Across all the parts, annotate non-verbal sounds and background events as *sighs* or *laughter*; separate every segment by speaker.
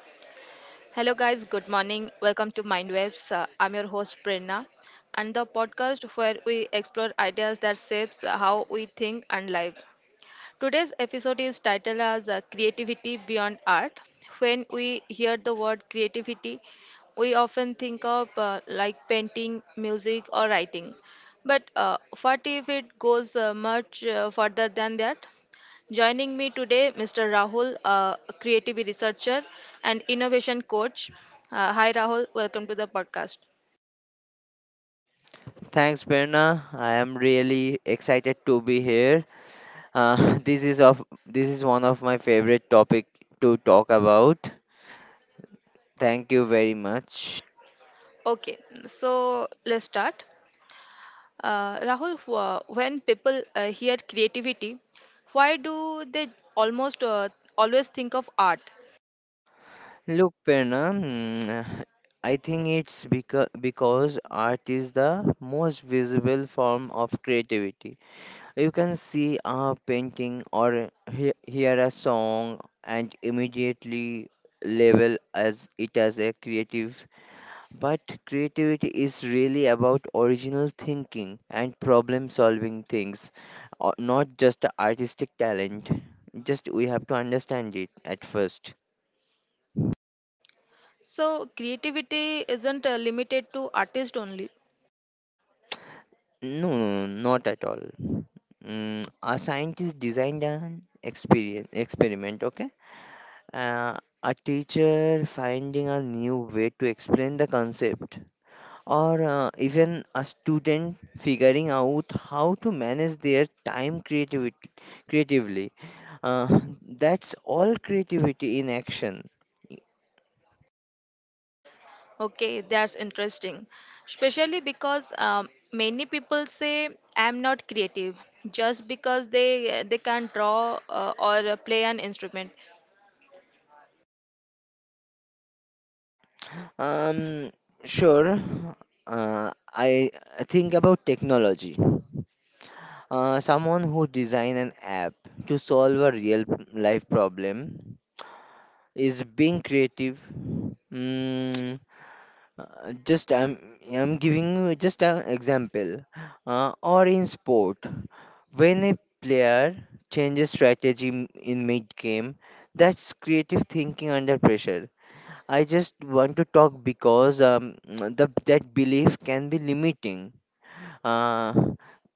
Speaker 1: Hello, guys. Good morning. Welcome to Mindwaves. I'm your host Prerna, and the podcast where we explore ideas that shapes how we think and live. Today's episode is titled as Creativity Beyond Art. When we hear the word creativity, we often think of like painting, music, or writing. But what if it goes much further than that? Joining me today, Mr. Rahul, a creative researcher and innovation coach. Hi, Rahul. Welcome to the podcast.
Speaker 2: Thanks, Berna. I am really excited to be here. *laughs* This is one of my favorite topic to talk about. Thank you very much.
Speaker 1: Okay, so let's start. Rahul, when people hear creativity, why do they almost always think of art?
Speaker 2: Look, Perna. I think it's because art is the most visible form of creativity. You can see a painting or hear a song and immediately label as it as a creative. But creativity is really about original thinking and problem solving things, not just artistic talent. Just we have to understand it at first.
Speaker 1: So, creativity isn't limited to artists only.
Speaker 2: No, no, no, not at all. A scientist designed an experiment, okay? A teacher finding a new way to explain the concept, or even a student figuring out how to manage their time creativity creatively. uh, that's all creativity in action.
Speaker 1: Okay, that's interesting. Especially because many people say I'm not creative just because they can't draw or play an instrument.
Speaker 2: um sure. Uh, i I think about technology. Someone who design an app to solve a real life problem is being creative. Mm, just I'm giving you just an example. Or in sport, when a player changes strategy in mid game, that's creative thinking under pressure. I just want to talk because *tsk* that belief can be limiting. Uh,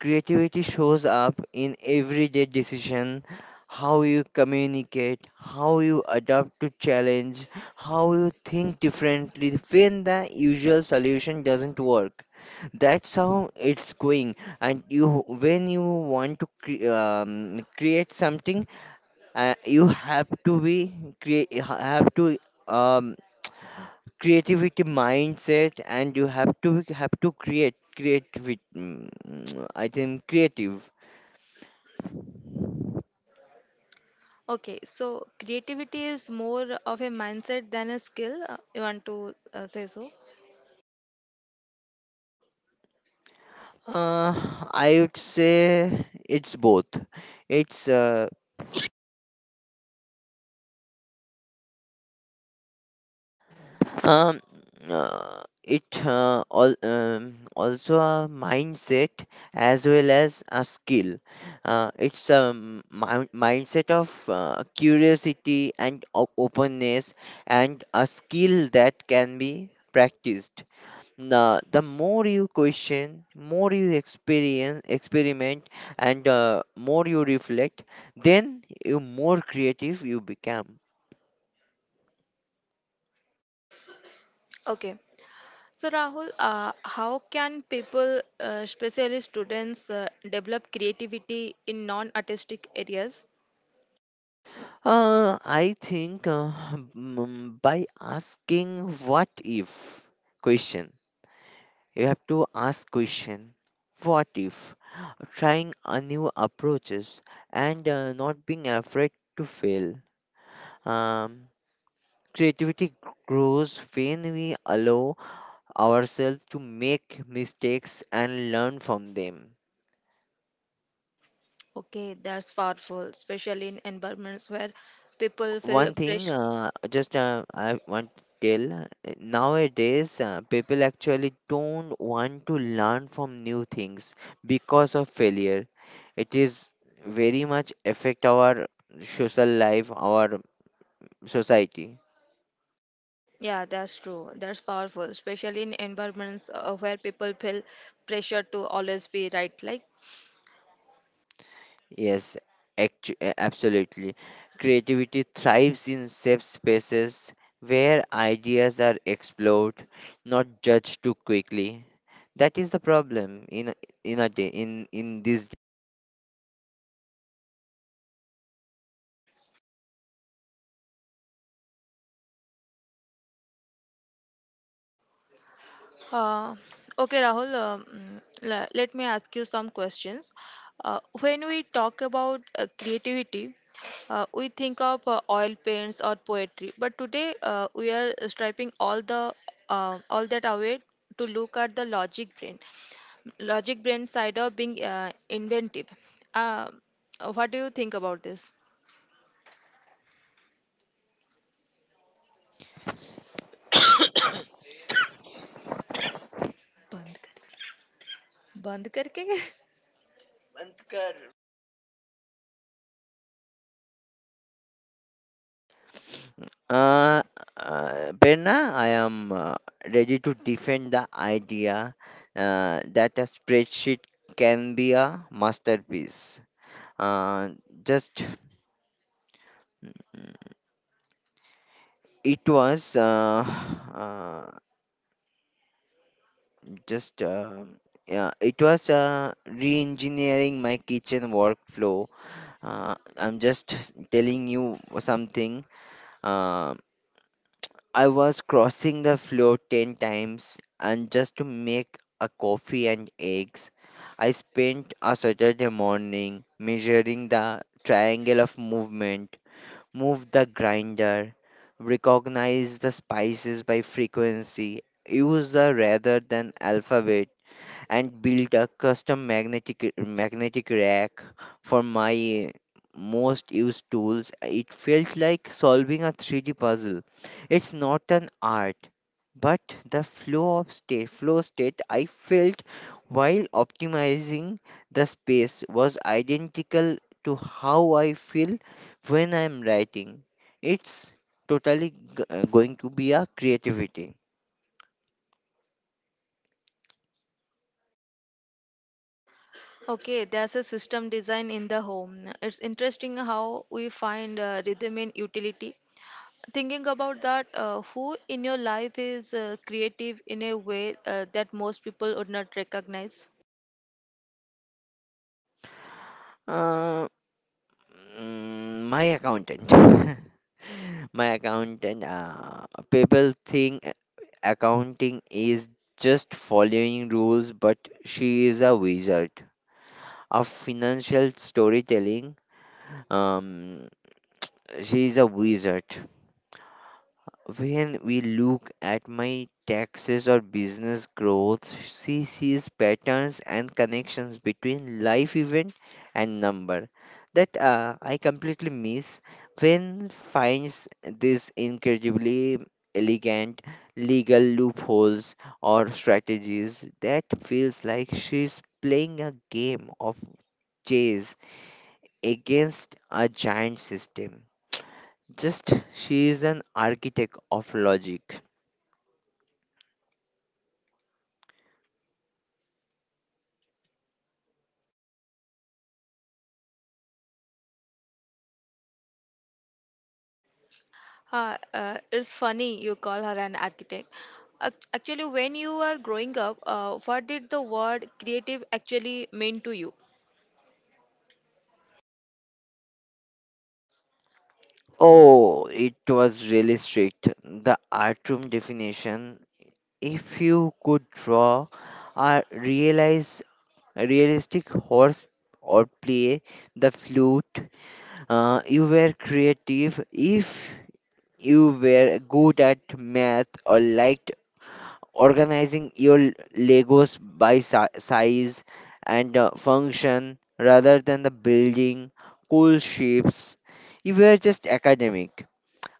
Speaker 2: creativity shows up in everyday decision, how you communicate, how you adapt to challenge, how you think differently when the usual solution doesn't work. That's how it's going. And you, when you want to create something, you have to be crea- ha- have to um creativity mindset, and you have to create with I think creative.
Speaker 1: Okay, so creativity is more of a mindset than a skill. You want to say so?
Speaker 2: Uh, i would say it's both. it's uh, um, also a mindset as well as a skill. It's a mindset of curiosity and openness, and a skill that can be practiced. The more you question, more you experience experiment, and more you reflect, then you more creative you become.
Speaker 1: Okay. So Rahul, how can people, especially students, develop creativity in non-artistic areas?
Speaker 2: I think, by asking what if question. You have to ask question, what if, trying a new approaches, and not being afraid to fail. um, Creativity grows when we allow ourselves to make mistakes and learn from them.
Speaker 1: Okay, that's powerful, especially in environments where people feel
Speaker 2: One thing,
Speaker 1: pressure.
Speaker 2: just I want to tell, nowadays, people actually don't want to learn from new things because of failure. It is very much affect our social life, our society.
Speaker 1: Yeah, that's true. That's powerful, especially in environments where people feel pressure to always be right. Like
Speaker 2: Yes, absolutely. Creativity thrives in safe spaces where ideas are explored, not judged too quickly. That is the problem in a day in this.
Speaker 1: Uh, okay, Rahul, let me ask you some questions. When we talk about creativity, we think of oil paints or poetry, but today we are stripping all the all that away to look at the logic brain side of being inventive. Uh, what do you think about this? बंद करके बंद करके.
Speaker 2: Uh, Berna, I am ready to defend the idea that a spreadsheet can be a masterpiece. Uh, just it was *sighs* uh, Just yeah, it was re-engineering my kitchen workflow. I'm just telling you something. Um I was crossing the floor ten times, and just to make a coffee and eggs, I spent a Saturday morning measuring the triangle of movement, move the grinder, recognize the spices by frequency, use the rather than alphabet, and built a custom magnetic rack for my most used tools. It felt like solving a 3D puzzle. It's not an art, but the flow state I felt while optimizing the space was identical to how I feel when I'm writing. It's totally going to be a creativity.
Speaker 1: Okay, there's a system design in the home. It's interesting how we find rhythm in utility. Thinking about that, who in your life is creative in a way that most people would not recognize?
Speaker 2: Uh, my accountant. *laughs* My accountant, people think accounting is just following rules, but she is a wizard of financial storytelling. Um she is a wizard When we look at my taxes or business growth, she sees patterns and connections between life event and number that I completely miss. When finds this incredibly elegant legal loopholes or strategies that feels like she's playing a game of chess against a giant system. Just she is an architect of logic.
Speaker 1: It's funny you call her an architect. Actually, when you are growing up, what did the word creative actually mean to you?
Speaker 2: Oh, it was really strict. The art room definition. If you could draw a realize realistic horse or play the flute, you were creative. If you were good at math or liked organizing your Legos by size and function rather than the building cool shapes, you were just academic.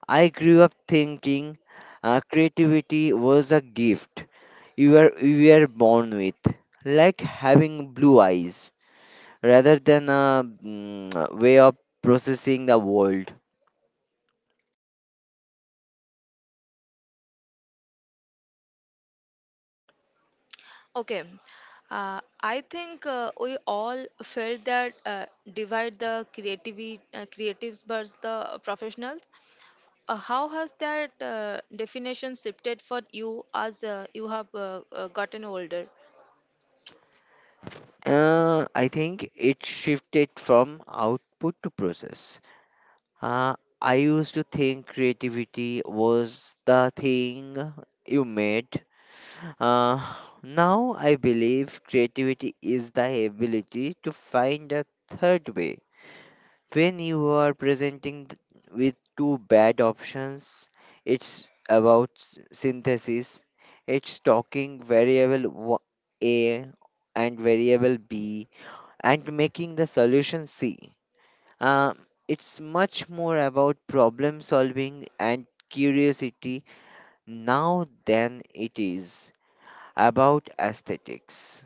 Speaker 2: I grew up thinking creativity was a gift you were born with, like having blue eyes, rather than a a way of processing the world.
Speaker 1: Okay. I think we all felt that divide the creativity, creatives versus the professionals. How has that definition shifted for you as you have gotten older?
Speaker 2: I think it shifted from output to process. Uh, I used to think creativity was the thing you made. Uh, now I believe creativity is the ability to find a third way. When you are presenting with two bad options, it's about synthesis. It's talking variable A and variable B and making the solution C. Uh, it's much more about problem solving and curiosity now than it is about aesthetics.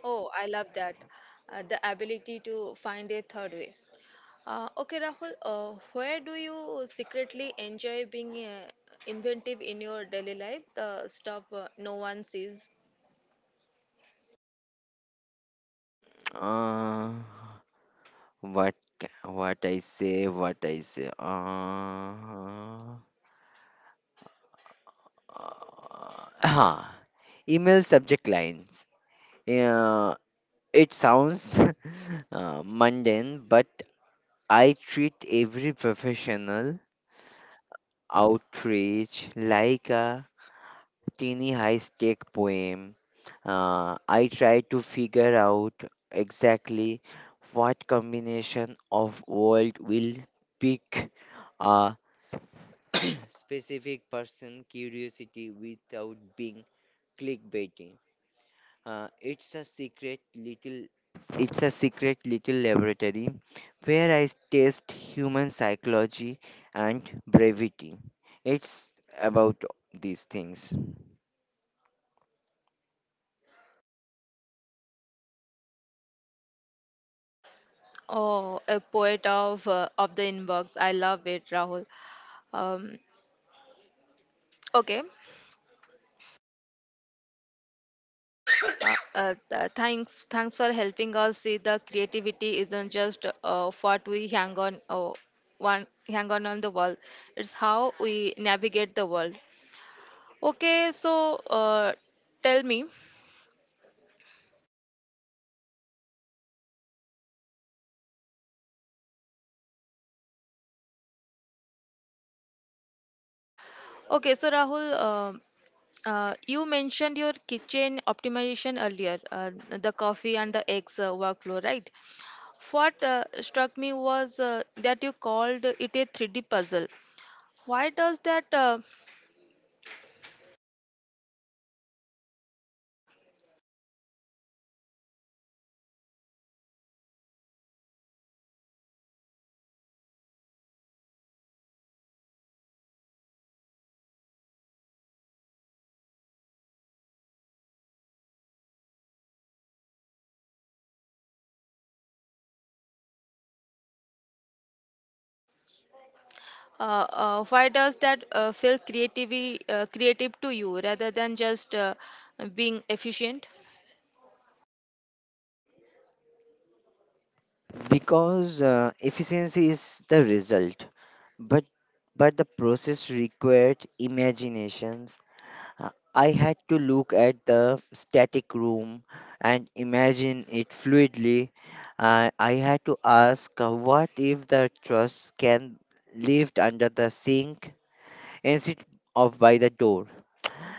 Speaker 1: Oh, I love that. The ability to find a third way. Okay, Rahul, where do you secretly enjoy being inventive in your daily life? The stuff no one sees.
Speaker 2: Uh, what what I say, what I say. Uh, huh. Email subject lines. Uh, it sounds *laughs* mundane, but I treat every professional outrage like a teeny high stake poem. I try to figure out exactly what combination of world will pick a specific person curiosity without being clickbaiting. Uh, it's a secret little it's a secret little laboratory where I test human psychology and brevity. It's about these things.
Speaker 1: Oh, a poet of the inbox. I love it, Rahul. Um, okay. Uh, thanks, thanks for helping us see the creativity isn't just what we hang on the wall. It's how we navigate the world. Okay, so tell me. Okay, so Rahul, you mentioned your kitchen optimization earlier, the coffee and the eggs workflow, right? What struck me was that you called it a 3D puzzle. Why does that uh, uh, why does that feel creativity creative to you rather than just being efficient?
Speaker 2: Because efficiency is the result, but the process required imaginations. I had to look at the static room and imagine it fluidly. I had to ask, what if the truss can lived under the sink instead of by the door?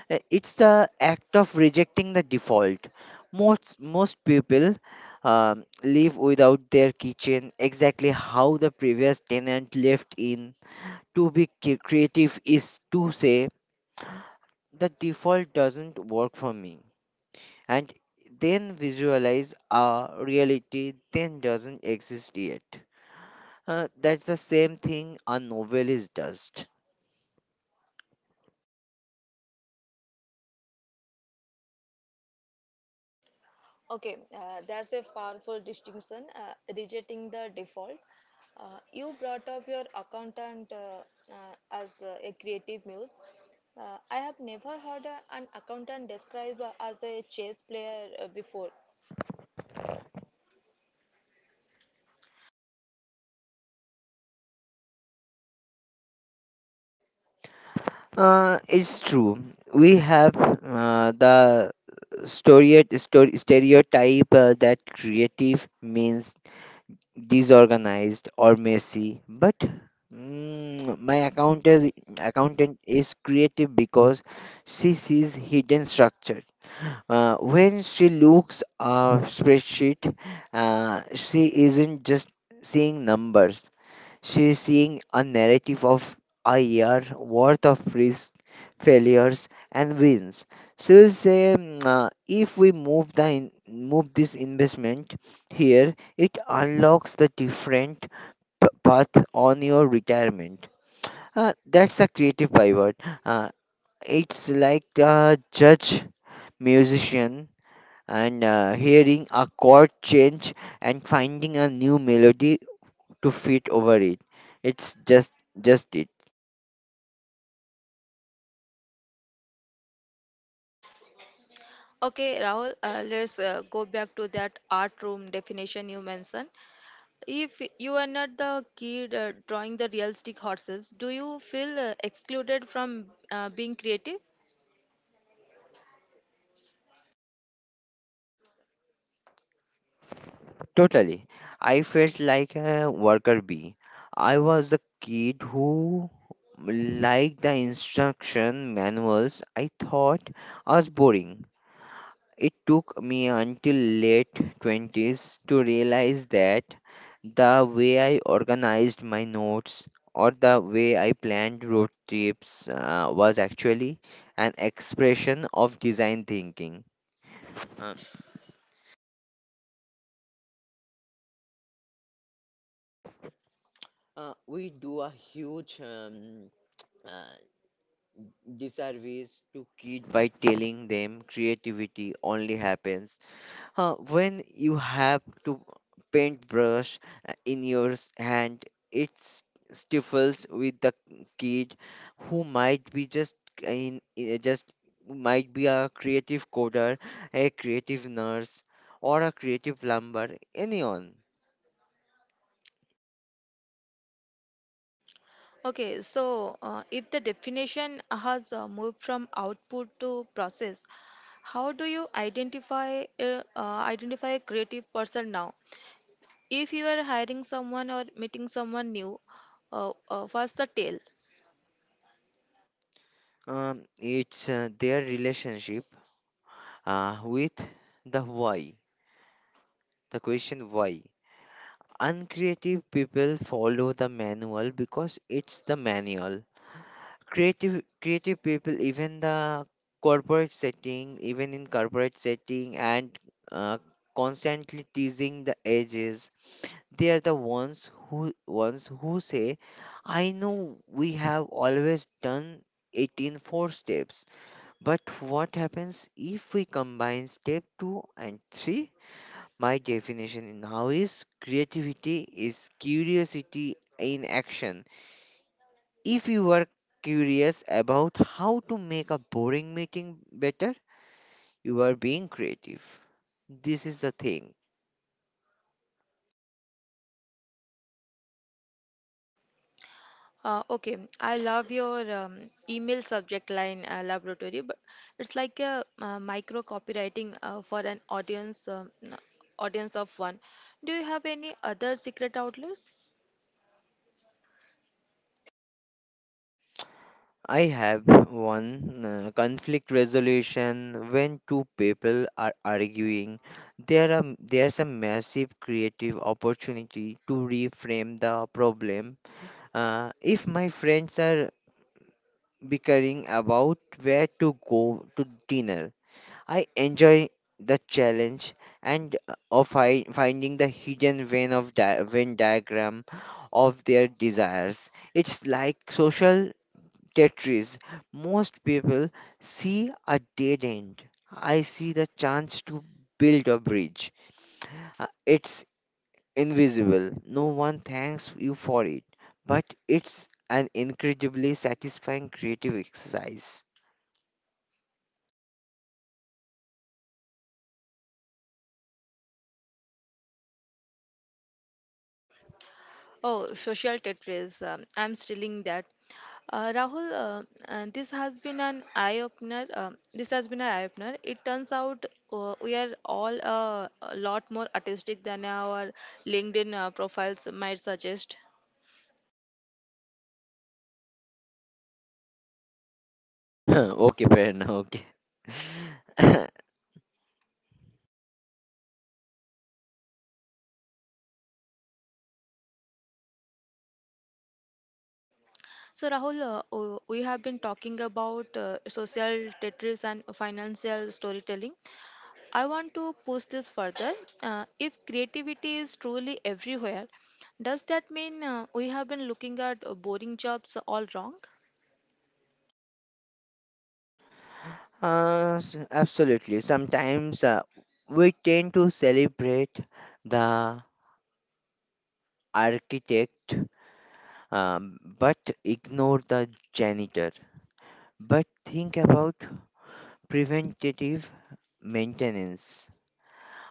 Speaker 2: It's the act of rejecting the default. Most people live without their kitchen exactly how the previous tenant left in. To be creative is to say the default doesn't work for me, and then visualize a reality that doesn't exist yet. That's the same thing a novelist does.
Speaker 1: Okay, that's a powerful distinction. Rejecting the default. You brought up your accountant as a creative muse. I have never heard an accountant described as a chess player before.
Speaker 2: It's true. We have the story stereotype that creative means disorganized or messy, but my accountant is creative because she sees hidden structure. When she looks at spreadsheet, she isn't just seeing numbers. She's seeing a narrative of a year worth of risks, failures, and wins. She'll say, "Mm, if we move this investment here, it unlocks the different path on your retirement." That's a creative pivot. Uh, it's like a judge musician and hearing a chord change and finding a new melody to fit over it. It's just it.
Speaker 1: Okay, Rahul, let's go back to that art room definition you mentioned. If you are not the kid drawing the realistic horses, do you feel excluded from being creative?
Speaker 2: Totally. I felt like a worker bee. I was a kid who liked the instruction manuals. I thought was boring. It took me until late 20s to realize that the way I organized my notes or the way I planned road trips was actually an expression of design thinking. Uh, we do a huge uh, disservice to kids by telling them creativity only happens when you have to paintbrush in your hand. It stifles with the kid who might be just uh, in in- uh, just might be a creative coder, a creative nurse, or a creative plumber. Anyone.
Speaker 1: Okay, so if the definition has moved from output to process, how do you identify a creative person now? If you are hiring someone or meeting someone new, first the tail.
Speaker 2: Um, it's their relationship with the why, the question why. Uncreative people follow the manual because it's the manual. Creative people, even in corporate setting, and uh, constantly teasing the edges, they are the ones who say, I know we have always done it in four steps, but what happens if we combine step 2 and 3. My definition now is creativity is curiosity in action. If you are curious about how to make a boring meeting better, you are being creative. This is the thing.
Speaker 1: Okay, I love your email subject line laboratory, but it's like a micro copywriting for an audience of one. Do you have any other secret outlets?
Speaker 2: I have one conflict resolution. When two people are arguing, there's a massive creative opportunity to reframe the problem. If my friends are bickering about where to go to dinner, I enjoy the challenge and of finding the hidden vein of Venn diagram of their desires. It's like social Tetris. Most people see a dead end. I see the chance to build a bridge. It's invisible. No one thanks you for it, but it's an incredibly satisfying creative exercise.
Speaker 1: Oh, social Tetris. I'm stealing that. Rahul, this has been an eye opener. This has been an eye opener. It turns out we are all a lot more artistic than our LinkedIn profiles might suggest.
Speaker 2: *laughs* Okay, fair enough. Okay. *laughs*
Speaker 1: So, Rahul, we have been talking about social Tetris and financial storytelling. I want to push this further. If creativity is truly everywhere, does that mean we have been looking at boring jobs all wrong?
Speaker 2: Absolutely. Sometimes we tend to celebrate the architect, but ignore the janitor. But think about preventative maintenance.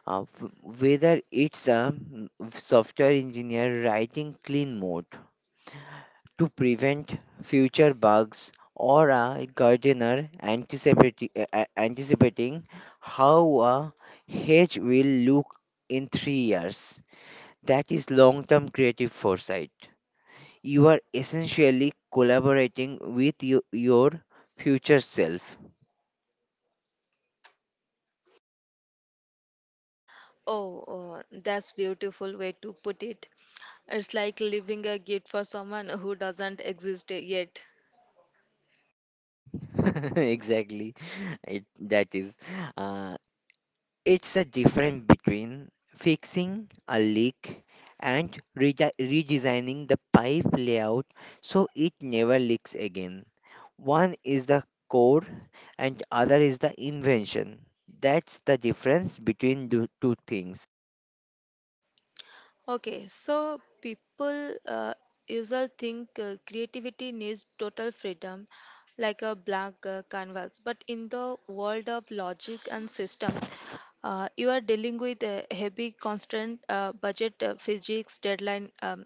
Speaker 2: Uh, w- whether it's a software engineer writing clean mode to prevent future bugs, or a gardener anticipating how a hedge will look in 3 years. That is long term creative foresight. You are essentially collaborating with your future self.
Speaker 1: Oh, that's beautiful way to put it. It's like leaving a gift for someone who doesn't exist yet.
Speaker 2: *laughs* Exactly. That is. Uh, It's a difference between fixing a leak and redesigning the pipe layout so it never leaks again. One is the core and other is the invention. That's the difference between the two things.
Speaker 1: Okay, so people usually think creativity needs total freedom, like a blank canvas. But in the world of logic and system, you are dealing with a heavy, constant budget, physics, deadline. Um,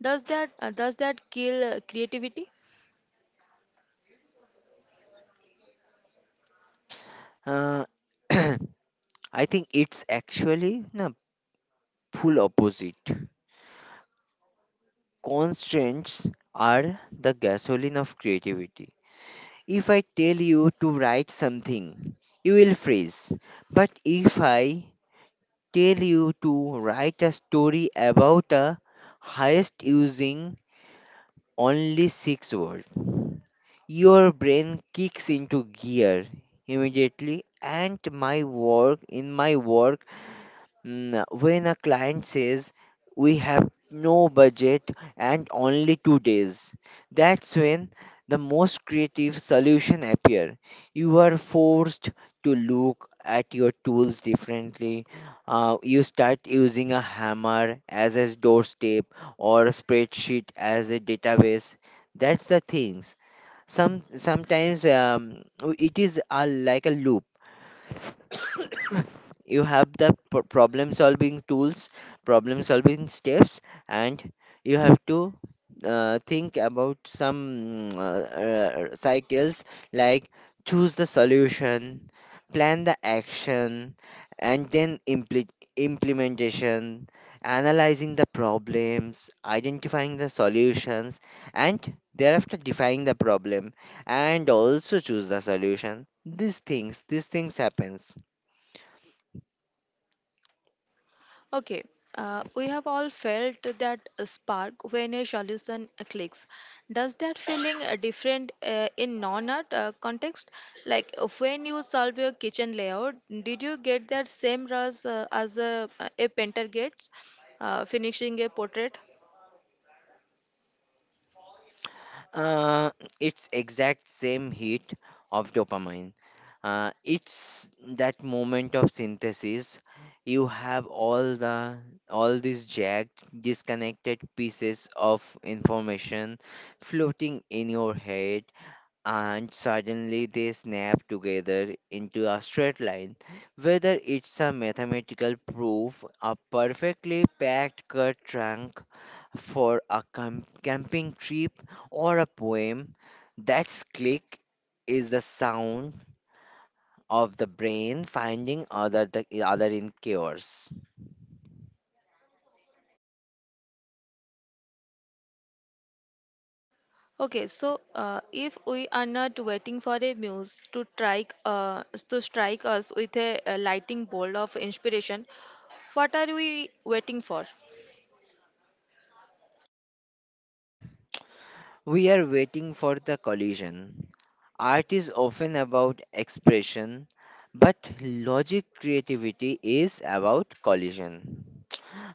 Speaker 1: does that uh, does that kill creativity?
Speaker 2: Uh, *clears throat* I think it's actually the full opposite. Constraints are the gasoline of creativity. If I tell you to write something, you will freeze. But if I tell you to write a story about a heist using only six words, your brain kicks into gear immediately. And my work in my work, when a client says we have no budget and only 2 days, that's when the most creative solution appear. You are forced to look at your tools differently. You start using a hammer as a doorstep or a spreadsheet as a database. That's the things. Sometimes it is a, like a loop. *coughs* You have the problem solving tools, problem solving steps, and you have to think about some cycles, like choose the solution, plan the action, and then implementation, analyzing the problems, identifying the solutions, and thereafter define the problem and also choose the solution. These things these things happens.
Speaker 1: Okay, we have all felt that spark when a solution clicks. Does that feeling different in non-art context? Like when you solve your kitchen layout, did you get that same rush as a painter gets finishing a portrait?
Speaker 2: Uh, it's exact same hit of dopamine. It's that moment of synthesis. You have all these jagged, disconnected pieces of information floating in your head, and suddenly they snap together into a straight line. Whether it's a mathematical proof, a perfectly packed cut trunk for a camping trip, or a poem, that's click is the sound of the brain finding other the other in chaos.
Speaker 1: Okay, so if we are not waiting for a muse to strike us with a lightning bolt of inspiration, what are we waiting for?
Speaker 2: We are waiting for the collision. Art is often about expression, but logic creativity is about collision.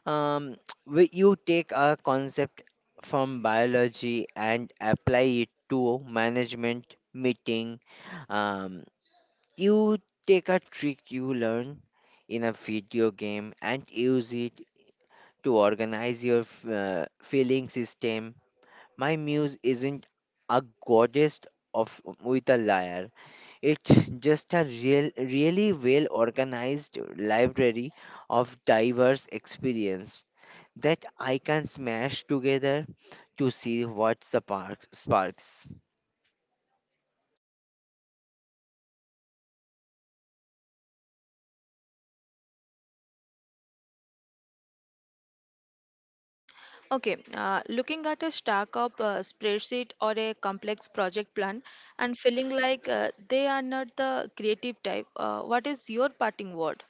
Speaker 2: Um, where you take a concept from biology and apply it to management meeting. Um, you take a trick you learn in a video game and use it to organize your feeling system. My muse isn't a goddess of with a lyre. It's just a real, really well organized library of diverse experience that I can smash together to see what sparks.
Speaker 1: Okay, looking at a stack of spreadsheet or a complex project plan and feeling like they are not the creative type, what is your parting word?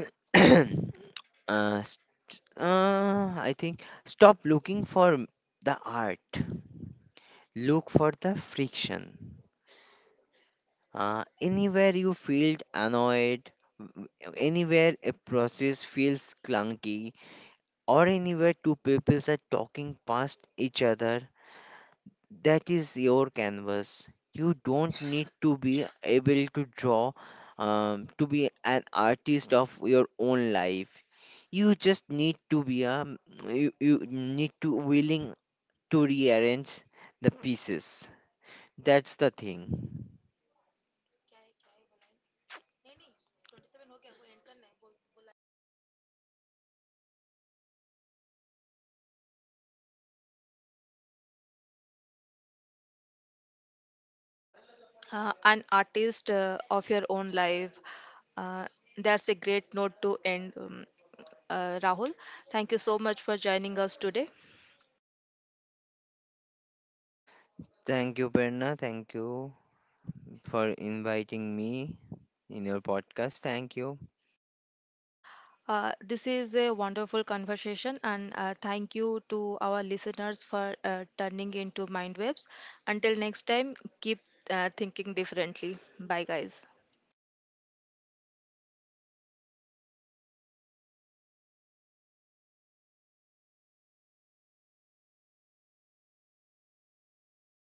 Speaker 2: *coughs* *clears throat* I think stop looking for the art. Look for the friction. Anywhere you feel annoyed, w- anywhere a process feels clunky, or anywhere two peoples are talking past each other, that is your canvas. You don't need to be able to draw to be an artist of your own life. You just need to be a you need to willing to rearrange the pieces. That's the thing.
Speaker 1: An artist of your own life. Uh, that's a great note to end, Rahul. Thank you so much for joining us today.
Speaker 2: Thank you, Berna. Thank you for inviting me in your podcast. Thank you.
Speaker 1: This is a wonderful conversation, and thank you to our listeners for turning into mind webs. Until next time, keep thinking differently. Bye, guys.